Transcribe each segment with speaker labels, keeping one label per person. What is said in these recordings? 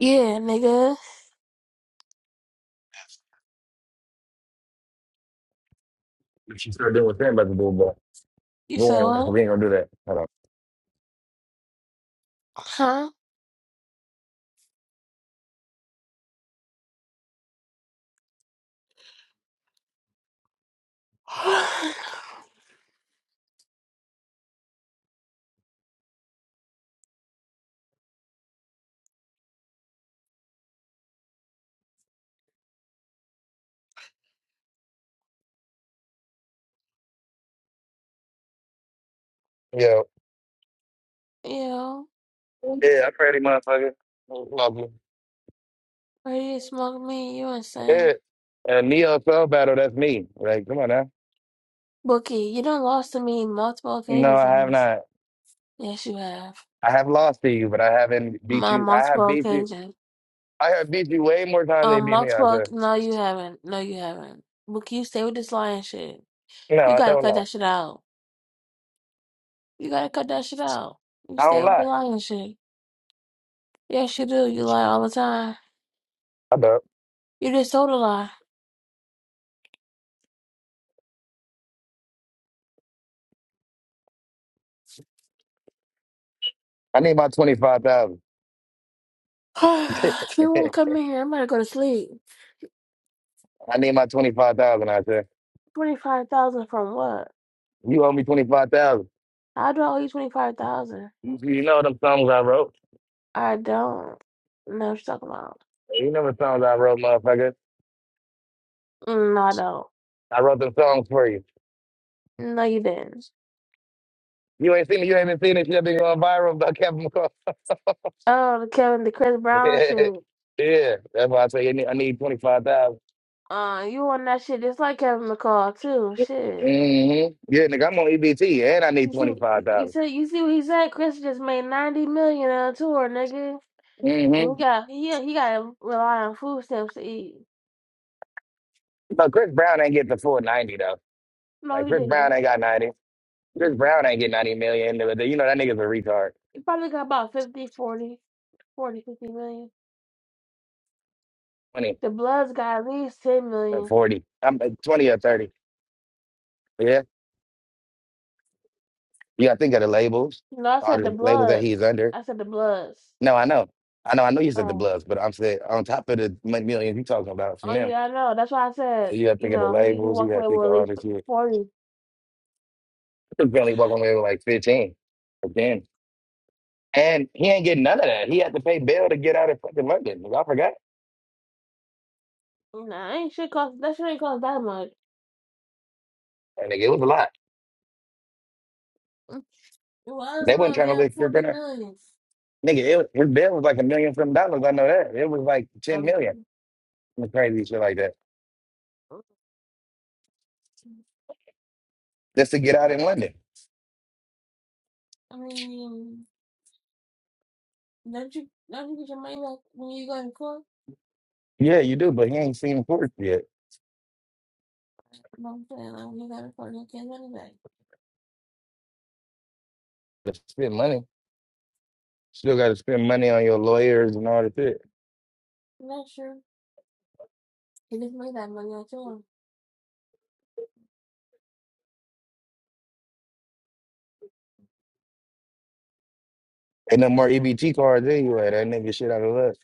Speaker 1: Yeah, nigga.
Speaker 2: If she started doing what Sam about to do, but
Speaker 1: You
Speaker 2: go
Speaker 1: said
Speaker 2: on,
Speaker 1: what?
Speaker 2: we ain't gonna do that. Hold on.
Speaker 1: Huh?
Speaker 2: Yeah.
Speaker 1: yeah.
Speaker 2: Yeah, I pray to motherfucker. Love you.
Speaker 1: Why you smoke me? You
Speaker 2: Yeah.
Speaker 1: insane.
Speaker 2: A Neo spell battle, that's me. Like, come on now.
Speaker 1: Bookie, you done lost to me multiple
Speaker 2: No,
Speaker 1: occasions
Speaker 2: I
Speaker 1: in
Speaker 2: have
Speaker 1: this.
Speaker 2: not.
Speaker 1: Yes, you have.
Speaker 2: I have lost to you, but I haven't beat
Speaker 1: On
Speaker 2: you. I have
Speaker 1: multiple
Speaker 2: beat you.
Speaker 1: occasions.
Speaker 2: I have beat you way more times than you
Speaker 1: On
Speaker 2: beat me
Speaker 1: multiple...
Speaker 2: out
Speaker 1: oc-
Speaker 2: there.
Speaker 1: No, you haven't. No, you haven't. Bookie, you stay with this lying shit.
Speaker 2: No,
Speaker 1: You
Speaker 2: I
Speaker 1: gotta
Speaker 2: don't
Speaker 1: cut
Speaker 2: lie.
Speaker 1: that shit out. You gotta cut that shit out. You
Speaker 2: I don't
Speaker 1: stay with the
Speaker 2: lie.
Speaker 1: lying shit. Yes, you do. You lie all the time.
Speaker 2: I don't.
Speaker 1: You just told a lie.
Speaker 2: I need my 25000 I
Speaker 1: if you won't come in here, I'm gonna go to sleep.
Speaker 2: need my 25000 out there.
Speaker 1: Twenty-five thousand from what?
Speaker 2: You owe me 25000
Speaker 1: How do I owe you twenty-five thousand?
Speaker 2: You you know them songs I wrote.
Speaker 1: I don't know what you're talking about.
Speaker 2: You know the songs I wrote, motherfucker.
Speaker 1: Mm, No, I don't.
Speaker 2: I wrote them songs for you.
Speaker 1: No, you didn't.
Speaker 2: You ain't seen it. You haven't seen it. You have been going viral. But I kept them close.
Speaker 1: Oh, the Kevin, the Chris Brown
Speaker 2: yeah,
Speaker 1: shit.
Speaker 2: yeah. That's why I say I need, I need twenty five thousand.
Speaker 1: Uh, you on that shit just like Kevin McCall too. Shit.
Speaker 2: Mm-hmm. Yeah, nigga, I'm on EBT and I need
Speaker 1: You see,
Speaker 2: twenty five
Speaker 1: you
Speaker 2: thousand.
Speaker 1: see, you see what he said. Chris just made ninety million on a tour, nigga, and he
Speaker 2: Mm-hmm.
Speaker 1: got he he got to rely on food stamps to eat.
Speaker 2: But Chris Brown ain't get the full ninety though.
Speaker 1: No,
Speaker 2: Like
Speaker 1: he
Speaker 2: Chris
Speaker 1: didn't.
Speaker 2: Brown ain't got ninety.
Speaker 1: Mm-mm.
Speaker 2: Chris Brown ain't get ninety million. You know that nigga's a retard.
Speaker 1: He probably got about fifty, forty, forty, fifty million.
Speaker 2: Twenty
Speaker 1: The Bloods got at least ten
Speaker 2: or
Speaker 1: million.
Speaker 2: forty. I'm uh, twenty or thirty. Yeah. You got to think of the labels,
Speaker 1: No, I
Speaker 2: all
Speaker 1: said the
Speaker 2: the labels that
Speaker 1: Bloods.
Speaker 2: he's under.
Speaker 1: I said the Bloods.
Speaker 2: No, I know. I know. I know you said the
Speaker 1: Um,
Speaker 2: Bloods, but I'm saying on top of the mon- millions you talking about from
Speaker 1: oh
Speaker 2: them,
Speaker 1: yeah, I know. That's why I said,
Speaker 2: you got to
Speaker 1: you
Speaker 2: think of the
Speaker 1: know, he, he
Speaker 2: labels, you
Speaker 1: walked
Speaker 2: got to
Speaker 1: away
Speaker 2: think
Speaker 1: with
Speaker 2: of
Speaker 1: at
Speaker 2: all
Speaker 1: least
Speaker 2: this shit.
Speaker 1: forty.
Speaker 2: He was barely walking away with like 15 or 10. And he ain't getting none of that. He had to pay bail to get out of fucking London. I forgot.
Speaker 1: Nah, I ain't shit cost that shit ain't cost that much.
Speaker 2: And nigga, it was a lot.
Speaker 1: It was
Speaker 2: They wasn't
Speaker 1: no
Speaker 2: trying to
Speaker 1: damn
Speaker 2: live through
Speaker 1: forty
Speaker 2: dinner.
Speaker 1: million.
Speaker 2: Nigga, it was, his bail was like a million some dollars. I know that. It was like 10 million.
Speaker 1: Um,
Speaker 2: Some Crazy shit like that. Just to get out in London.
Speaker 1: I mean, don't you don't you get your money back when you go to court?
Speaker 2: Yeah, you do, but he ain't seen court yet.
Speaker 1: No, I'm saying like when you got to court, you get money back.
Speaker 2: To spend money. Still got to spend money on your lawyers and all that shit.
Speaker 1: not sure. You just made that money out your
Speaker 2: Ain't no more EBT cards anyway. That nigga shit out of luck.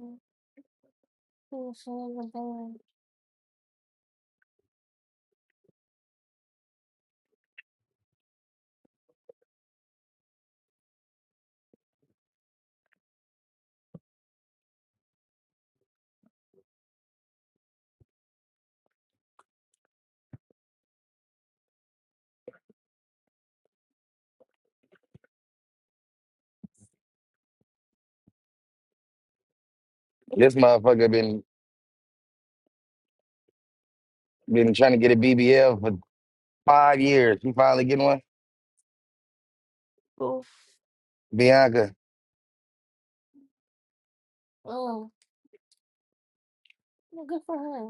Speaker 1: own. Oh, so it was a bad-
Speaker 2: This motherfucker been been trying to get a BBL for five years. He finally getting one.
Speaker 1: Oh,
Speaker 2: Bianca.
Speaker 1: oh, good for her.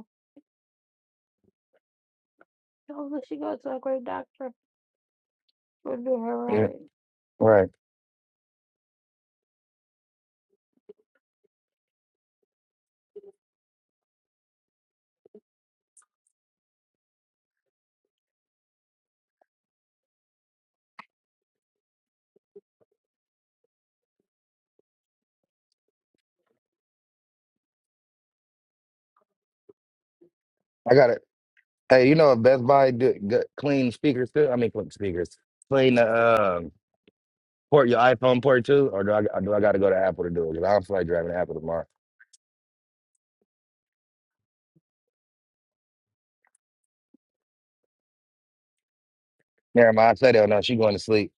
Speaker 1: Oh, but she goes to a great doctor. We'll do her
Speaker 2: Yeah.
Speaker 1: right.
Speaker 2: Right. I got it. Hey, you know what? Best Buy do, g- clean speakers too? I mean, clean speakers. Clean the um port your iPhone port too, or do I or do I got to go to Apple to do it? 'Cause I don't feel like driving to Apple tomorrow. Never mind. I said it. No, she going to sleep.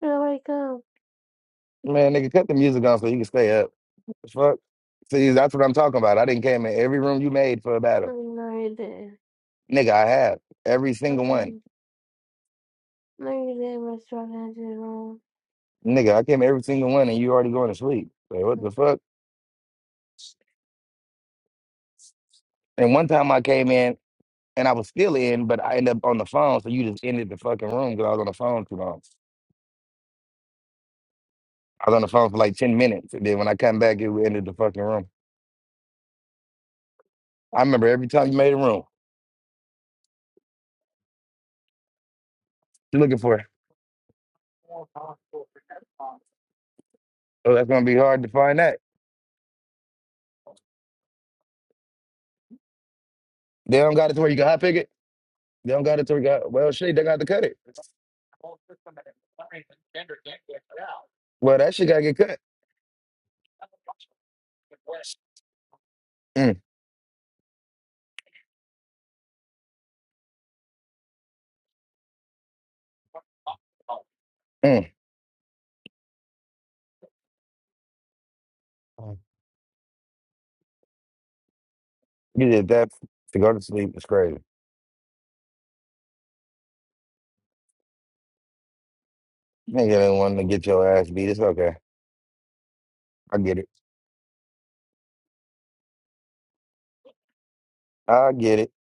Speaker 1: She'll wake up.
Speaker 2: Man, nigga, cut the music on so you can stay up. The Fuck. See, that's what I'm talking about. I didn't came in every room you made for a
Speaker 1: I
Speaker 2: battle,
Speaker 1: mean, no, you didn't.
Speaker 2: nigga. I have every single one.
Speaker 1: Mm-mm. No, you didn't, Miss Jordan. She's wrong.
Speaker 2: Nigga, I came every single one and you already going to sleep. Like, what
Speaker 1: Mm.
Speaker 2: the fuck? And one time I came in and I was still in, but I ended up on the phone. So you just ended the fucking room because I was on the phone too long. I was on the phone for like 10 minutes. And then when I come back, it ended the fucking room. I remember every time you made a room, you looking for it. Oh, that's going to be hard to find that. They don't got it to where you can hot pick it. They don't got it to where you got, well, shit, they got to cut it. Well, that shit got to get cut. Mm, mm.
Speaker 1: Oh,
Speaker 2: You did that to go to sleep. It's crazy. Nigga, they want to get your ass beat. It's okay. I get it. I get it.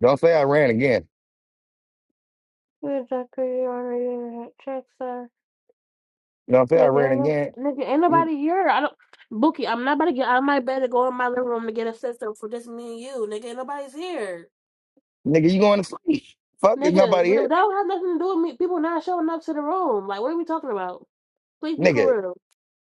Speaker 2: Don't say I ran again.
Speaker 1: You're a doctor. You honor your check, sir.
Speaker 2: Don't say
Speaker 1: Nigga,
Speaker 2: I
Speaker 1: ain't,
Speaker 2: ran
Speaker 1: no,
Speaker 2: again.
Speaker 1: nigga, ain't
Speaker 2: N-
Speaker 1: nobody here. I don't. Bookie, I'm not about to get out of my bed and go in my living room to get a sister for just me and you. Nigga, ain't nobody's here.
Speaker 2: Nigga, you going to sleep. Fuck, is
Speaker 1: Nigga,
Speaker 2: nobody
Speaker 1: that
Speaker 2: here?
Speaker 1: don't have nothing to do with me. People not showing up to the room. Like, what are we talking about? Please be
Speaker 2: Nigga,
Speaker 1: for real.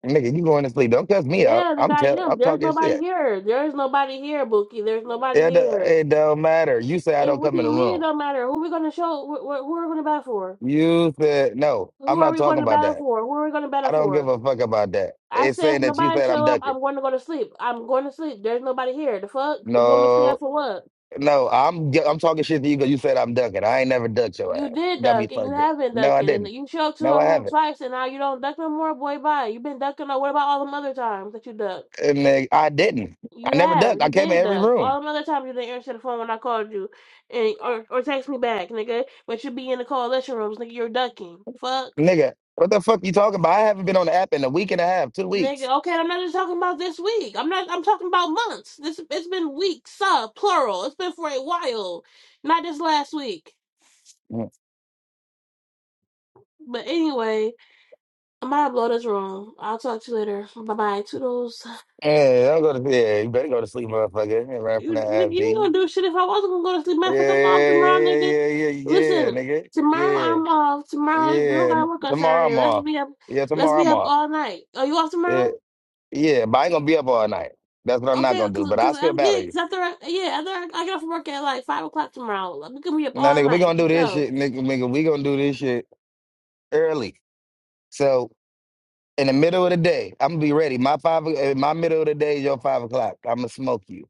Speaker 2: nigga, you going to sleep. Don't cuss me out.
Speaker 1: Yeah, they
Speaker 2: I'm
Speaker 1: got
Speaker 2: tell
Speaker 1: him.
Speaker 2: I'm
Speaker 1: There's
Speaker 2: talking
Speaker 1: nobody
Speaker 2: shit.
Speaker 1: here. There's nobody here, Bookie. There's nobody
Speaker 2: It, do-
Speaker 1: here.
Speaker 2: it don't matter. You say I
Speaker 1: Hey,
Speaker 2: don't
Speaker 1: what
Speaker 2: come
Speaker 1: do
Speaker 2: in
Speaker 1: you
Speaker 2: the
Speaker 1: mean it
Speaker 2: room.
Speaker 1: don't matter? Who we gonna show? Wh- wh- who are we gonna battle for?
Speaker 2: You said, no, I'm
Speaker 1: Who are
Speaker 2: not
Speaker 1: we going
Speaker 2: talking
Speaker 1: to
Speaker 2: about
Speaker 1: battle
Speaker 2: that.
Speaker 1: for? Who are we gonna
Speaker 2: I
Speaker 1: battle
Speaker 2: don't give
Speaker 1: for?
Speaker 2: a fuck about that.
Speaker 1: I
Speaker 2: It's
Speaker 1: said if
Speaker 2: saying that you
Speaker 1: nobody
Speaker 2: said I'm
Speaker 1: show up,
Speaker 2: ducking.
Speaker 1: I'm going to go to sleep. I'm going to sleep. There's nobody here. The fuck? You want me to stay out
Speaker 2: No,
Speaker 1: for what?
Speaker 2: no, I'm g- I'm talking shit to you because you said I'm ducking. I ain't never ducked your
Speaker 1: You
Speaker 2: ass.
Speaker 1: did
Speaker 2: Got me
Speaker 1: duck and you
Speaker 2: fucked. up.
Speaker 1: haven't
Speaker 2: No,
Speaker 1: ducked
Speaker 2: I
Speaker 1: and
Speaker 2: didn't.
Speaker 1: you showed up to
Speaker 2: No,
Speaker 1: a
Speaker 2: I haven't.
Speaker 1: room twice and now you don't duck no more. Boy, bye. You've been ducking. Or what about all them other times that you ducked?
Speaker 2: And nigga, I didn't.
Speaker 1: You
Speaker 2: I never ducked.
Speaker 1: have.
Speaker 2: I
Speaker 1: You
Speaker 2: came in
Speaker 1: did
Speaker 2: every
Speaker 1: that.
Speaker 2: room.
Speaker 1: All the other times you didn't answer the phone when I called you and or or text me back, nigga. But you be in the coalition rooms, nigga, you're ducking. Fuck.
Speaker 2: Nigga, what the fuck you talking about? I haven't been on the app in a week and a half, two weeks.
Speaker 1: Nigga, okay, I'm not just talking about this week. I'm not I'm talking about months. This it's been weeks, sub, plural. It's been for a while. Not just last week.
Speaker 2: Mm.
Speaker 1: But anyway, I'm gonna blow this room. I'll talk to you later. Bye bye. Toodles.
Speaker 2: Yeah, don't go to yeah, you better go to sleep, motherfucker. And run from
Speaker 1: You,
Speaker 2: that ass
Speaker 1: nigga, you
Speaker 2: beating.
Speaker 1: gonna do shit if I wasn't gonna go to sleep. Matter
Speaker 2: Yeah,
Speaker 1: of fact, I'm off tomorrow,
Speaker 2: yeah,
Speaker 1: nigga.
Speaker 2: yeah, yeah, yeah, yeah,
Speaker 1: Listen,
Speaker 2: nigga.
Speaker 1: tomorrow
Speaker 2: Yeah,
Speaker 1: I'm off. Tomorrow you
Speaker 2: yeah.
Speaker 1: don't gotta
Speaker 2: N-
Speaker 1: work on
Speaker 2: Tomorrow
Speaker 1: Saturday.
Speaker 2: I'm
Speaker 1: Let's
Speaker 2: off.
Speaker 1: be up.
Speaker 2: Yeah,
Speaker 1: Let's
Speaker 2: tomorrow
Speaker 1: be
Speaker 2: I'm
Speaker 1: up
Speaker 2: off.
Speaker 1: all night. Are you off
Speaker 2: Yeah,
Speaker 1: tomorrow?
Speaker 2: yeah, but I ain't gonna be up all night. That's what I'm not
Speaker 1: Okay,
Speaker 2: gonna do.
Speaker 1: cause,
Speaker 2: But I
Speaker 1: cause
Speaker 2: still
Speaker 1: I'm
Speaker 2: battle
Speaker 1: getting
Speaker 2: you.
Speaker 1: cause after I, yeah after I, I get off work at like five o'clock tomorrow. Like, We can be up
Speaker 2: Now,
Speaker 1: all
Speaker 2: nigga, we
Speaker 1: night
Speaker 2: gonna
Speaker 1: for
Speaker 2: do this
Speaker 1: sure.
Speaker 2: shit, nigga. Nigga, we gonna do this shit early. So in the middle of the day. I'm gonna be ready. My five, eh, my middle of the day is your five o'clock. I'm gonna smoke you.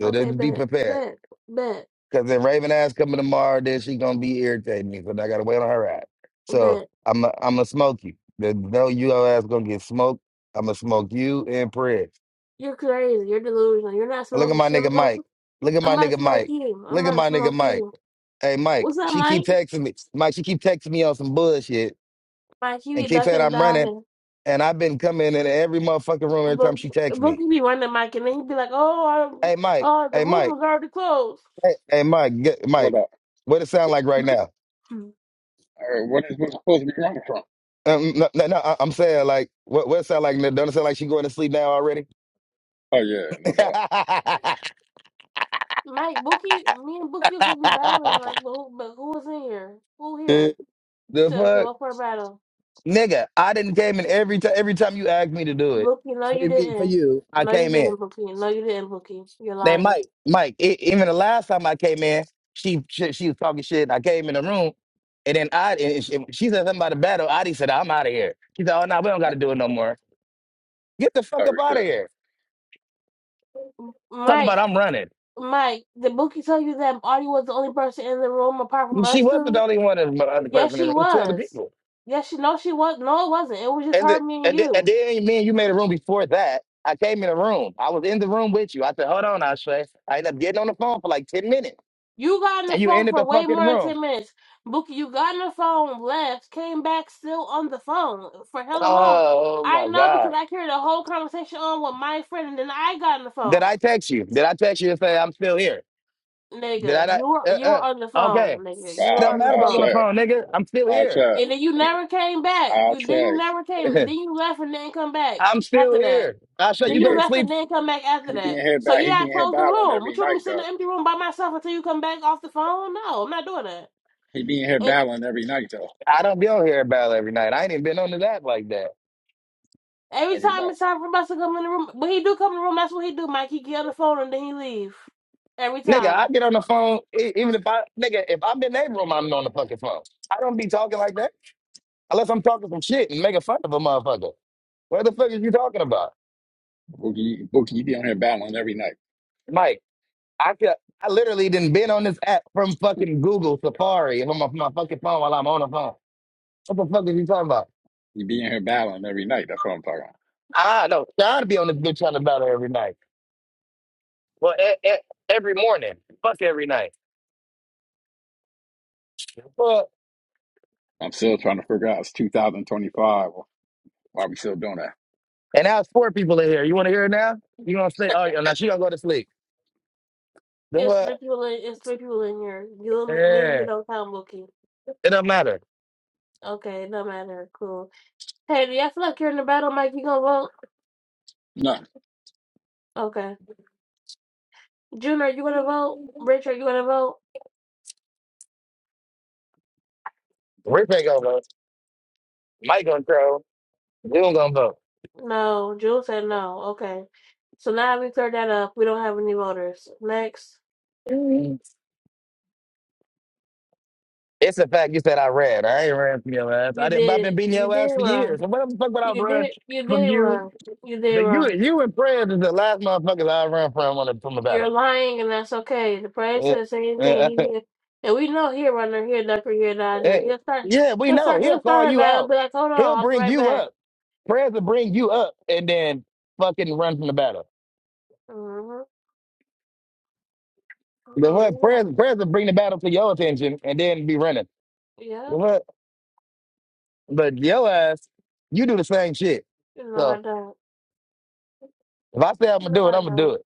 Speaker 2: So
Speaker 1: Okay,
Speaker 2: just be
Speaker 1: bet,
Speaker 2: prepared.
Speaker 1: bet, bet,
Speaker 2: Cause if Raven ass coming tomorrow, then she gonna be irritating me. Cause I gotta wait on her ass. So
Speaker 1: bet.
Speaker 2: I'm, i I'm gonna smoke you. There's No, you your ass gonna get smoked. I'm gonna smoke you and Pred.
Speaker 1: You're crazy. You're delusional. You're not
Speaker 2: Look at
Speaker 1: smoking
Speaker 2: my
Speaker 1: shit.
Speaker 2: nigga
Speaker 1: I'm, gonna-
Speaker 2: Mike. Look at
Speaker 1: I'm
Speaker 2: my
Speaker 1: about to
Speaker 2: nigga
Speaker 1: smoke
Speaker 2: Mike.
Speaker 1: you. I'm
Speaker 2: Look at
Speaker 1: about to
Speaker 2: my nigga
Speaker 1: smoke
Speaker 2: Mike.
Speaker 1: you.
Speaker 2: Hey Mike,
Speaker 1: What's up,
Speaker 2: she keep
Speaker 1: Mike?
Speaker 2: texting me. Mike, she keep texting me on some bullshit
Speaker 1: Mike, you
Speaker 2: and
Speaker 1: be
Speaker 2: keep saying
Speaker 1: ducking and
Speaker 2: I'm running.
Speaker 1: diving.
Speaker 2: And I've been coming in every motherfucking room every time
Speaker 1: Look,
Speaker 2: she texts
Speaker 1: look,
Speaker 2: me.
Speaker 1: be running Mike, and then he'd be like, "Oh, I,
Speaker 2: Hey Mike,
Speaker 1: oh, the
Speaker 2: hey
Speaker 1: room
Speaker 2: Mike,
Speaker 1: was already closed."
Speaker 2: hey, hey Mike, get,
Speaker 3: What
Speaker 2: Mike.
Speaker 3: up?
Speaker 2: What it sound like right now?
Speaker 3: Uh, what is what's supposed to be wrong from?
Speaker 2: Um, no, no, no, I- I'm saying like, what, what it sound like? Doesn't it sound like she going to sleep now already?
Speaker 3: Oh yeah, no doubt.
Speaker 2: the
Speaker 1: Mike, Bookie, me and Bookie was gonna be battling, like, but who, but who was in here? Who here to to
Speaker 2: fuck,
Speaker 1: go for a battle?
Speaker 2: nigga! I didn't came in every time. Every time you asked me to do it
Speaker 1: Bookie, no, you
Speaker 2: for me, for
Speaker 1: didn't.
Speaker 2: you, I
Speaker 1: No, you
Speaker 2: came in.
Speaker 1: didn't, Bookie. No, you didn't, Bookie. You're
Speaker 2: Now,
Speaker 1: lying,
Speaker 2: Mike, Mike, e- even the last time I came in, she she, she was talking shit. And I came in the room, and then I and she, she said something about a battle. Adi said, "I'm out of here." She said, "Oh no, we don't got to do it no more." Get the
Speaker 3: Oh
Speaker 2: fuck up out
Speaker 3: shit.
Speaker 2: of here. Talking
Speaker 1: Mike.
Speaker 2: about I'm running.
Speaker 1: Mike, did Bookie tell you that Audie was the only person in the room apart from
Speaker 2: She
Speaker 1: us
Speaker 2: wasn't the
Speaker 1: two?
Speaker 2: only one, but other person.
Speaker 1: Yes,
Speaker 2: in the
Speaker 1: she
Speaker 2: room. It was two other
Speaker 1: was.
Speaker 2: people.
Speaker 1: Yes, she. No, she was. No, it wasn't. It was just
Speaker 2: And
Speaker 1: her,
Speaker 2: the,
Speaker 1: me, and
Speaker 2: and the,
Speaker 1: you.
Speaker 2: and then me and you made a room before that. I came in the room. I was in the room with you. I said, hold on, Ashley. I ended up getting on the phone for like 10 minutes.
Speaker 1: You got on the
Speaker 2: And you
Speaker 1: phone
Speaker 2: ended the
Speaker 1: for way
Speaker 2: fucking
Speaker 1: more than
Speaker 2: room.
Speaker 1: 10 minutes. Bookie, you got on the phone, left, came back still on the phone for hella long.
Speaker 2: Oh, oh
Speaker 1: I
Speaker 2: my
Speaker 1: know because
Speaker 2: God.
Speaker 1: I carried a whole conversation on with my friend and then I got on the
Speaker 2: Did
Speaker 1: phone.
Speaker 2: I text you? Did I text you and say I'm still here? Did I
Speaker 1: Nigga,
Speaker 2: not?
Speaker 1: you were
Speaker 2: Uh,
Speaker 1: you were on the
Speaker 2: uh, okay.
Speaker 1: phone, nigga.
Speaker 3: But
Speaker 1: You
Speaker 2: It
Speaker 1: were
Speaker 2: don't
Speaker 1: on the
Speaker 2: matter
Speaker 3: I
Speaker 2: if
Speaker 3: I
Speaker 2: I was on the
Speaker 1: phone.
Speaker 3: share.
Speaker 2: phone, nigga. I'm still
Speaker 3: I
Speaker 2: here.
Speaker 3: share.
Speaker 1: And then you
Speaker 3: He
Speaker 1: never came back.
Speaker 3: I
Speaker 1: You then you
Speaker 3: say.
Speaker 1: never came then you left and didn't come back
Speaker 2: I'm
Speaker 1: after
Speaker 2: still
Speaker 1: that.
Speaker 2: here. Ashley,
Speaker 3: He
Speaker 1: Then
Speaker 2: you
Speaker 3: be
Speaker 2: go
Speaker 1: you
Speaker 2: to
Speaker 1: left
Speaker 2: sleep.
Speaker 1: and didn't come back after
Speaker 3: he being
Speaker 1: that.
Speaker 3: here
Speaker 1: So
Speaker 3: ba he
Speaker 1: yeah, I
Speaker 3: being here
Speaker 1: closed the
Speaker 3: battling
Speaker 1: room. Would
Speaker 3: every
Speaker 1: you want me
Speaker 3: night
Speaker 1: to sit in
Speaker 3: though.
Speaker 1: the empty room by myself until you come back off the phone? No, I'm not doing that.
Speaker 3: He being here battling every night though.
Speaker 2: I don't be on here about every night. I ain't even been on the app like that.
Speaker 1: Every
Speaker 3: Every
Speaker 1: time
Speaker 3: night.
Speaker 1: it's time for Buster to come in the room, when he do come in the room, that's what he do, Mike. He get on the phone and then he leave. Every
Speaker 2: Nigga,
Speaker 1: time.
Speaker 2: I get on the phone, e- even if I, nigga, if I'm in their room, I'm on the fucking phone. I don't be talking like that unless I'm talking some shit and making fun of a motherfucker. What the fuck is you talking about?
Speaker 3: Bookie Bookie you be on here battling every night.
Speaker 2: Mike, I could, I literally didn't been on this app from fucking Google Safari if I'm on my fucking phone while I'm on the phone. What the fuck is you talking about?
Speaker 3: You be in here battling every night. That's what I'm talking about.
Speaker 2: Ah, no, Sean be on this bitch talking about it every night. Well, e- e- every morning. Fuck every night. Fuck.
Speaker 3: I'm still trying to figure out it's two thousand twenty five. Why we still doing that?
Speaker 2: And now it's four people in here. You want to hear it now? You gonna sleep? Oh, yeah, now she gonna go to sleep. Then
Speaker 1: It's
Speaker 2: what?
Speaker 1: three people in it's three people in here. You and me, me and you
Speaker 2: Yeah,
Speaker 1: don't count Mookie.
Speaker 2: it don't matter.
Speaker 1: Okay, no matter. Cool. Hey, do you feel like you're in the battle, Mike? You gonna vote?
Speaker 3: No.
Speaker 1: Okay. June, are you gonna vote? Rich, are you gonna vote?
Speaker 2: Rip ain't gonna vote. Mike gonna throw. We don't gonna
Speaker 1: No. June said no. Okay. So now we cleared that up. We don't have any voters. Next.
Speaker 2: vote. It's a fact you said I ran. I ain't ran from your ass. I
Speaker 1: You
Speaker 2: didn't. I've
Speaker 1: did
Speaker 2: been beating
Speaker 1: you
Speaker 2: your
Speaker 1: did
Speaker 2: ass for
Speaker 1: wrong.
Speaker 2: years. And what the fuck would I
Speaker 1: You
Speaker 2: run
Speaker 1: did you
Speaker 2: from
Speaker 1: did
Speaker 2: you?
Speaker 1: wrong. You did
Speaker 2: That you,
Speaker 1: wrong.
Speaker 2: you and prayers is the last motherfuckers I run from on a, from the
Speaker 1: You're
Speaker 2: battle.
Speaker 1: lying, and that's okay. The prayer
Speaker 2: Eh,
Speaker 1: says the same thing.
Speaker 2: eh, eh. eh.
Speaker 1: He, and we know here, runner, here, ducker, here, dodger.
Speaker 2: eh.
Speaker 1: He'll start,
Speaker 2: Yeah, we
Speaker 1: he'll
Speaker 2: know.
Speaker 1: start,
Speaker 2: He'll
Speaker 1: he'll
Speaker 2: call
Speaker 1: start a
Speaker 2: you
Speaker 1: battle.
Speaker 2: out.
Speaker 1: Be like, hold
Speaker 2: He'll
Speaker 1: on, I'll be
Speaker 2: bring
Speaker 1: right
Speaker 2: you
Speaker 1: back.
Speaker 2: up. Prayers will bring you up, and then fucking run from the battle.
Speaker 1: hmm
Speaker 2: The
Speaker 1: Yeah, we
Speaker 2: hood
Speaker 1: know.
Speaker 2: prayers, prayers will bring the battle to your attention and then be running. The
Speaker 1: Yeah,
Speaker 2: hood, but your ass, you do the same shit.
Speaker 1: no,
Speaker 2: So
Speaker 1: I don't.
Speaker 2: if I say I'm gonna
Speaker 1: No,
Speaker 2: do it,
Speaker 1: I
Speaker 2: I'm gonna do
Speaker 1: don't.
Speaker 2: it.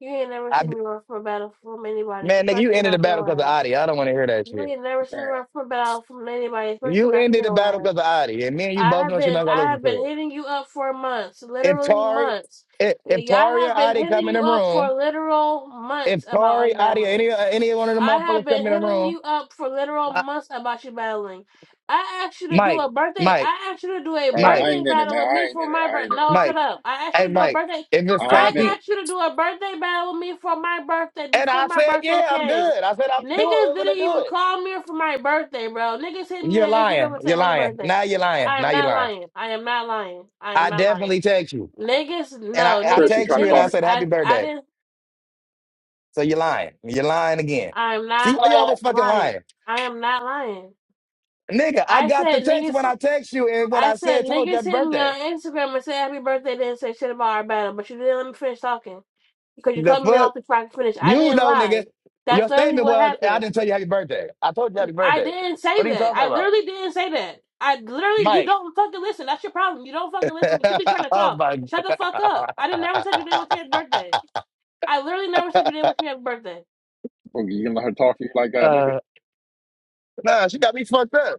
Speaker 1: You ain't never
Speaker 2: I
Speaker 1: seen me run from a battle from anybody,
Speaker 2: man, nigga, you
Speaker 1: especially
Speaker 2: ended the
Speaker 1: not
Speaker 2: battle because of
Speaker 1: your ass.
Speaker 2: Adi. I don't want to hear that
Speaker 1: You
Speaker 2: shit.
Speaker 1: ain't never seen me run
Speaker 3: Damn.
Speaker 1: from a battle from anybody, especially
Speaker 2: You
Speaker 1: not
Speaker 2: ended the battle
Speaker 1: your ass.
Speaker 2: because of Adi, and me and you
Speaker 1: I
Speaker 2: both
Speaker 1: have
Speaker 2: know she's
Speaker 1: been
Speaker 2: not gonna
Speaker 1: I
Speaker 2: listen
Speaker 1: have
Speaker 2: to it.
Speaker 1: been hitting you up for months,
Speaker 2: If
Speaker 1: literally
Speaker 2: Tari,
Speaker 1: months.
Speaker 2: if, if
Speaker 1: I
Speaker 2: Tari
Speaker 1: have
Speaker 2: or
Speaker 1: been
Speaker 2: Adi come
Speaker 1: hitting
Speaker 2: in
Speaker 1: you
Speaker 2: the
Speaker 1: up for
Speaker 2: room,
Speaker 1: literal
Speaker 2: if
Speaker 1: months about
Speaker 2: Tari, Adi, or
Speaker 1: unbattling.
Speaker 2: any or any one of the
Speaker 1: I have
Speaker 2: motherfuckers come
Speaker 1: been
Speaker 2: in the
Speaker 1: hitting
Speaker 2: room,
Speaker 1: you up for literal
Speaker 2: I,
Speaker 1: months about you battling. I asked you to do
Speaker 2: Mike,
Speaker 1: a birthday.
Speaker 2: Mike,
Speaker 1: I asked you to do a
Speaker 3: Uh, I
Speaker 2: Mike,
Speaker 1: birthday
Speaker 3: ain't in it, man.
Speaker 1: battle with
Speaker 3: I
Speaker 1: me
Speaker 3: ain't in
Speaker 1: for my
Speaker 3: it. I ain't in
Speaker 1: birthday.
Speaker 3: it.
Speaker 1: No, shut
Speaker 2: Mike,
Speaker 1: up. I asked
Speaker 2: hey
Speaker 1: you to do a
Speaker 2: Mike,
Speaker 1: birthday.
Speaker 2: if it's
Speaker 3: I ain't in
Speaker 1: I
Speaker 2: Tati,
Speaker 3: it.
Speaker 1: asked you to do a birthday battle with me for my birthday
Speaker 2: And
Speaker 1: before
Speaker 2: I
Speaker 1: my
Speaker 2: said,
Speaker 1: birthday
Speaker 2: yeah, I'm
Speaker 1: came.
Speaker 2: good. I said, I'm doing
Speaker 1: Niggas
Speaker 2: it. We're going
Speaker 1: didn't
Speaker 2: to do
Speaker 1: even call me for my birthday, bro. Niggas hit
Speaker 2: it.
Speaker 1: me
Speaker 2: You're
Speaker 1: on Instagram
Speaker 2: lying.
Speaker 1: and
Speaker 2: You're
Speaker 1: said happy
Speaker 2: lying.
Speaker 1: birthday.
Speaker 2: Now you're lying.
Speaker 1: I
Speaker 2: Now
Speaker 1: am
Speaker 2: you're
Speaker 1: not
Speaker 2: lying.
Speaker 1: lying. I am not lying. I am
Speaker 2: I
Speaker 1: not lying.
Speaker 2: definitely text you.
Speaker 1: Niggas,
Speaker 2: And I,
Speaker 1: no,
Speaker 2: I
Speaker 3: Chris,
Speaker 1: niggas,
Speaker 3: you
Speaker 2: text
Speaker 3: trying to
Speaker 2: you and
Speaker 3: call
Speaker 2: I
Speaker 3: me?
Speaker 1: niggas.
Speaker 2: said, happy
Speaker 1: I, I
Speaker 2: birthday.
Speaker 1: didn't.
Speaker 2: So you're lying. You're lying again.
Speaker 1: I am
Speaker 2: See,
Speaker 1: not
Speaker 2: why you always fucking
Speaker 1: lying.
Speaker 2: lying?
Speaker 1: I am not lying.
Speaker 2: Nigga, I
Speaker 1: I
Speaker 2: got the
Speaker 1: said
Speaker 2: text
Speaker 1: niggas.
Speaker 2: when I text you and when
Speaker 1: I
Speaker 2: I
Speaker 1: said
Speaker 2: said, told you
Speaker 1: niggas
Speaker 2: happy
Speaker 1: hit me
Speaker 2: birthday.
Speaker 1: on Instagram and said happy birthday. Didn't say shit about our battle, but you didn't let me finish talking because you
Speaker 2: The
Speaker 1: cut me
Speaker 2: fuck?
Speaker 1: off before I could finish. I
Speaker 2: You
Speaker 1: didn't
Speaker 2: know,
Speaker 1: lie.
Speaker 2: nigga.
Speaker 1: That's
Speaker 2: Your
Speaker 1: literally
Speaker 2: statement
Speaker 1: what
Speaker 2: was, I
Speaker 1: happened.
Speaker 2: didn't tell you happy birthday. I told you happy
Speaker 1: I
Speaker 2: birthday.
Speaker 1: didn't say
Speaker 2: What are you
Speaker 1: that.
Speaker 2: talking
Speaker 1: I
Speaker 2: about?
Speaker 1: literally didn't say that. I literally, you
Speaker 2: Mike.
Speaker 1: don't fucking listen. That's your problem. You don't fucking listen. You too busy trying to
Speaker 2: oh
Speaker 1: talk.
Speaker 2: my God.
Speaker 1: Shut the fuck up. I didn't never said you didn't wish me happy birthday. I literally never said you didn't wish me happy birthday.
Speaker 3: Boogie, you gonna let her talk to you like that, nigga?
Speaker 2: uh, nah, she got me fucked up.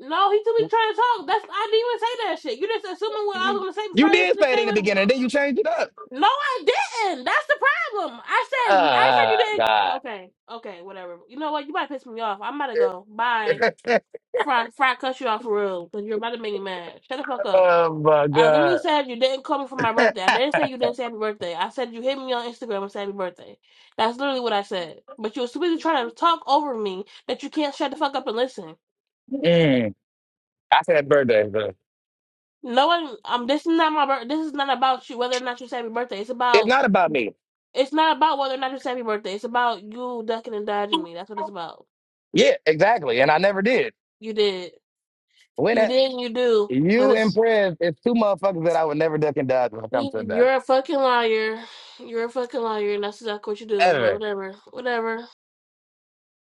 Speaker 1: No, he too busy trying to talk. That's I didn't even say that shit. You just assuming what I was gonna say before
Speaker 2: You
Speaker 1: I even
Speaker 2: did
Speaker 1: finished
Speaker 2: say it in
Speaker 1: saying
Speaker 2: the
Speaker 1: what
Speaker 2: beginning, then you changed it up.
Speaker 1: No, I didn't. That's the problem. I said I said you
Speaker 2: Ah,
Speaker 1: didn't.
Speaker 2: God.
Speaker 1: Okay, okay, whatever. You know what? You about to piss me off. I'm about to go. Bye. Fry, Fry, cut you off for real because you're about to make me mad. Shut the fuck up.
Speaker 2: oh, my
Speaker 1: I literally
Speaker 2: God.
Speaker 1: said you didn't call me for my birthday. I didn't say you didn't say happy birthday. I said you hit me on Instagram and said happy birthday. That's literally what I said. But you were so busy trying to talk over me that you can't shut the fuck up and listen.
Speaker 2: Mm. I said birthday, but
Speaker 1: No one. Um. This is not my. birthday. this is not about you. Whether or not you say happy birthday. It's
Speaker 2: it's
Speaker 1: about
Speaker 2: not about me.
Speaker 1: It's not about whether or not it's happy birthday. It's about you ducking and dodging me. That's what it's about.
Speaker 2: Yeah, exactly. And I never did.
Speaker 1: You did.
Speaker 2: When
Speaker 1: You
Speaker 2: that,
Speaker 1: did and you do. But
Speaker 2: you and
Speaker 1: it's
Speaker 2: Prez, it's two motherfuckers that I would never duck and dodge when it comes to that.
Speaker 1: you're a fucking liar. You're a fucking liar and that's exactly what you do.
Speaker 2: Ever.
Speaker 1: But whatever. Whatever.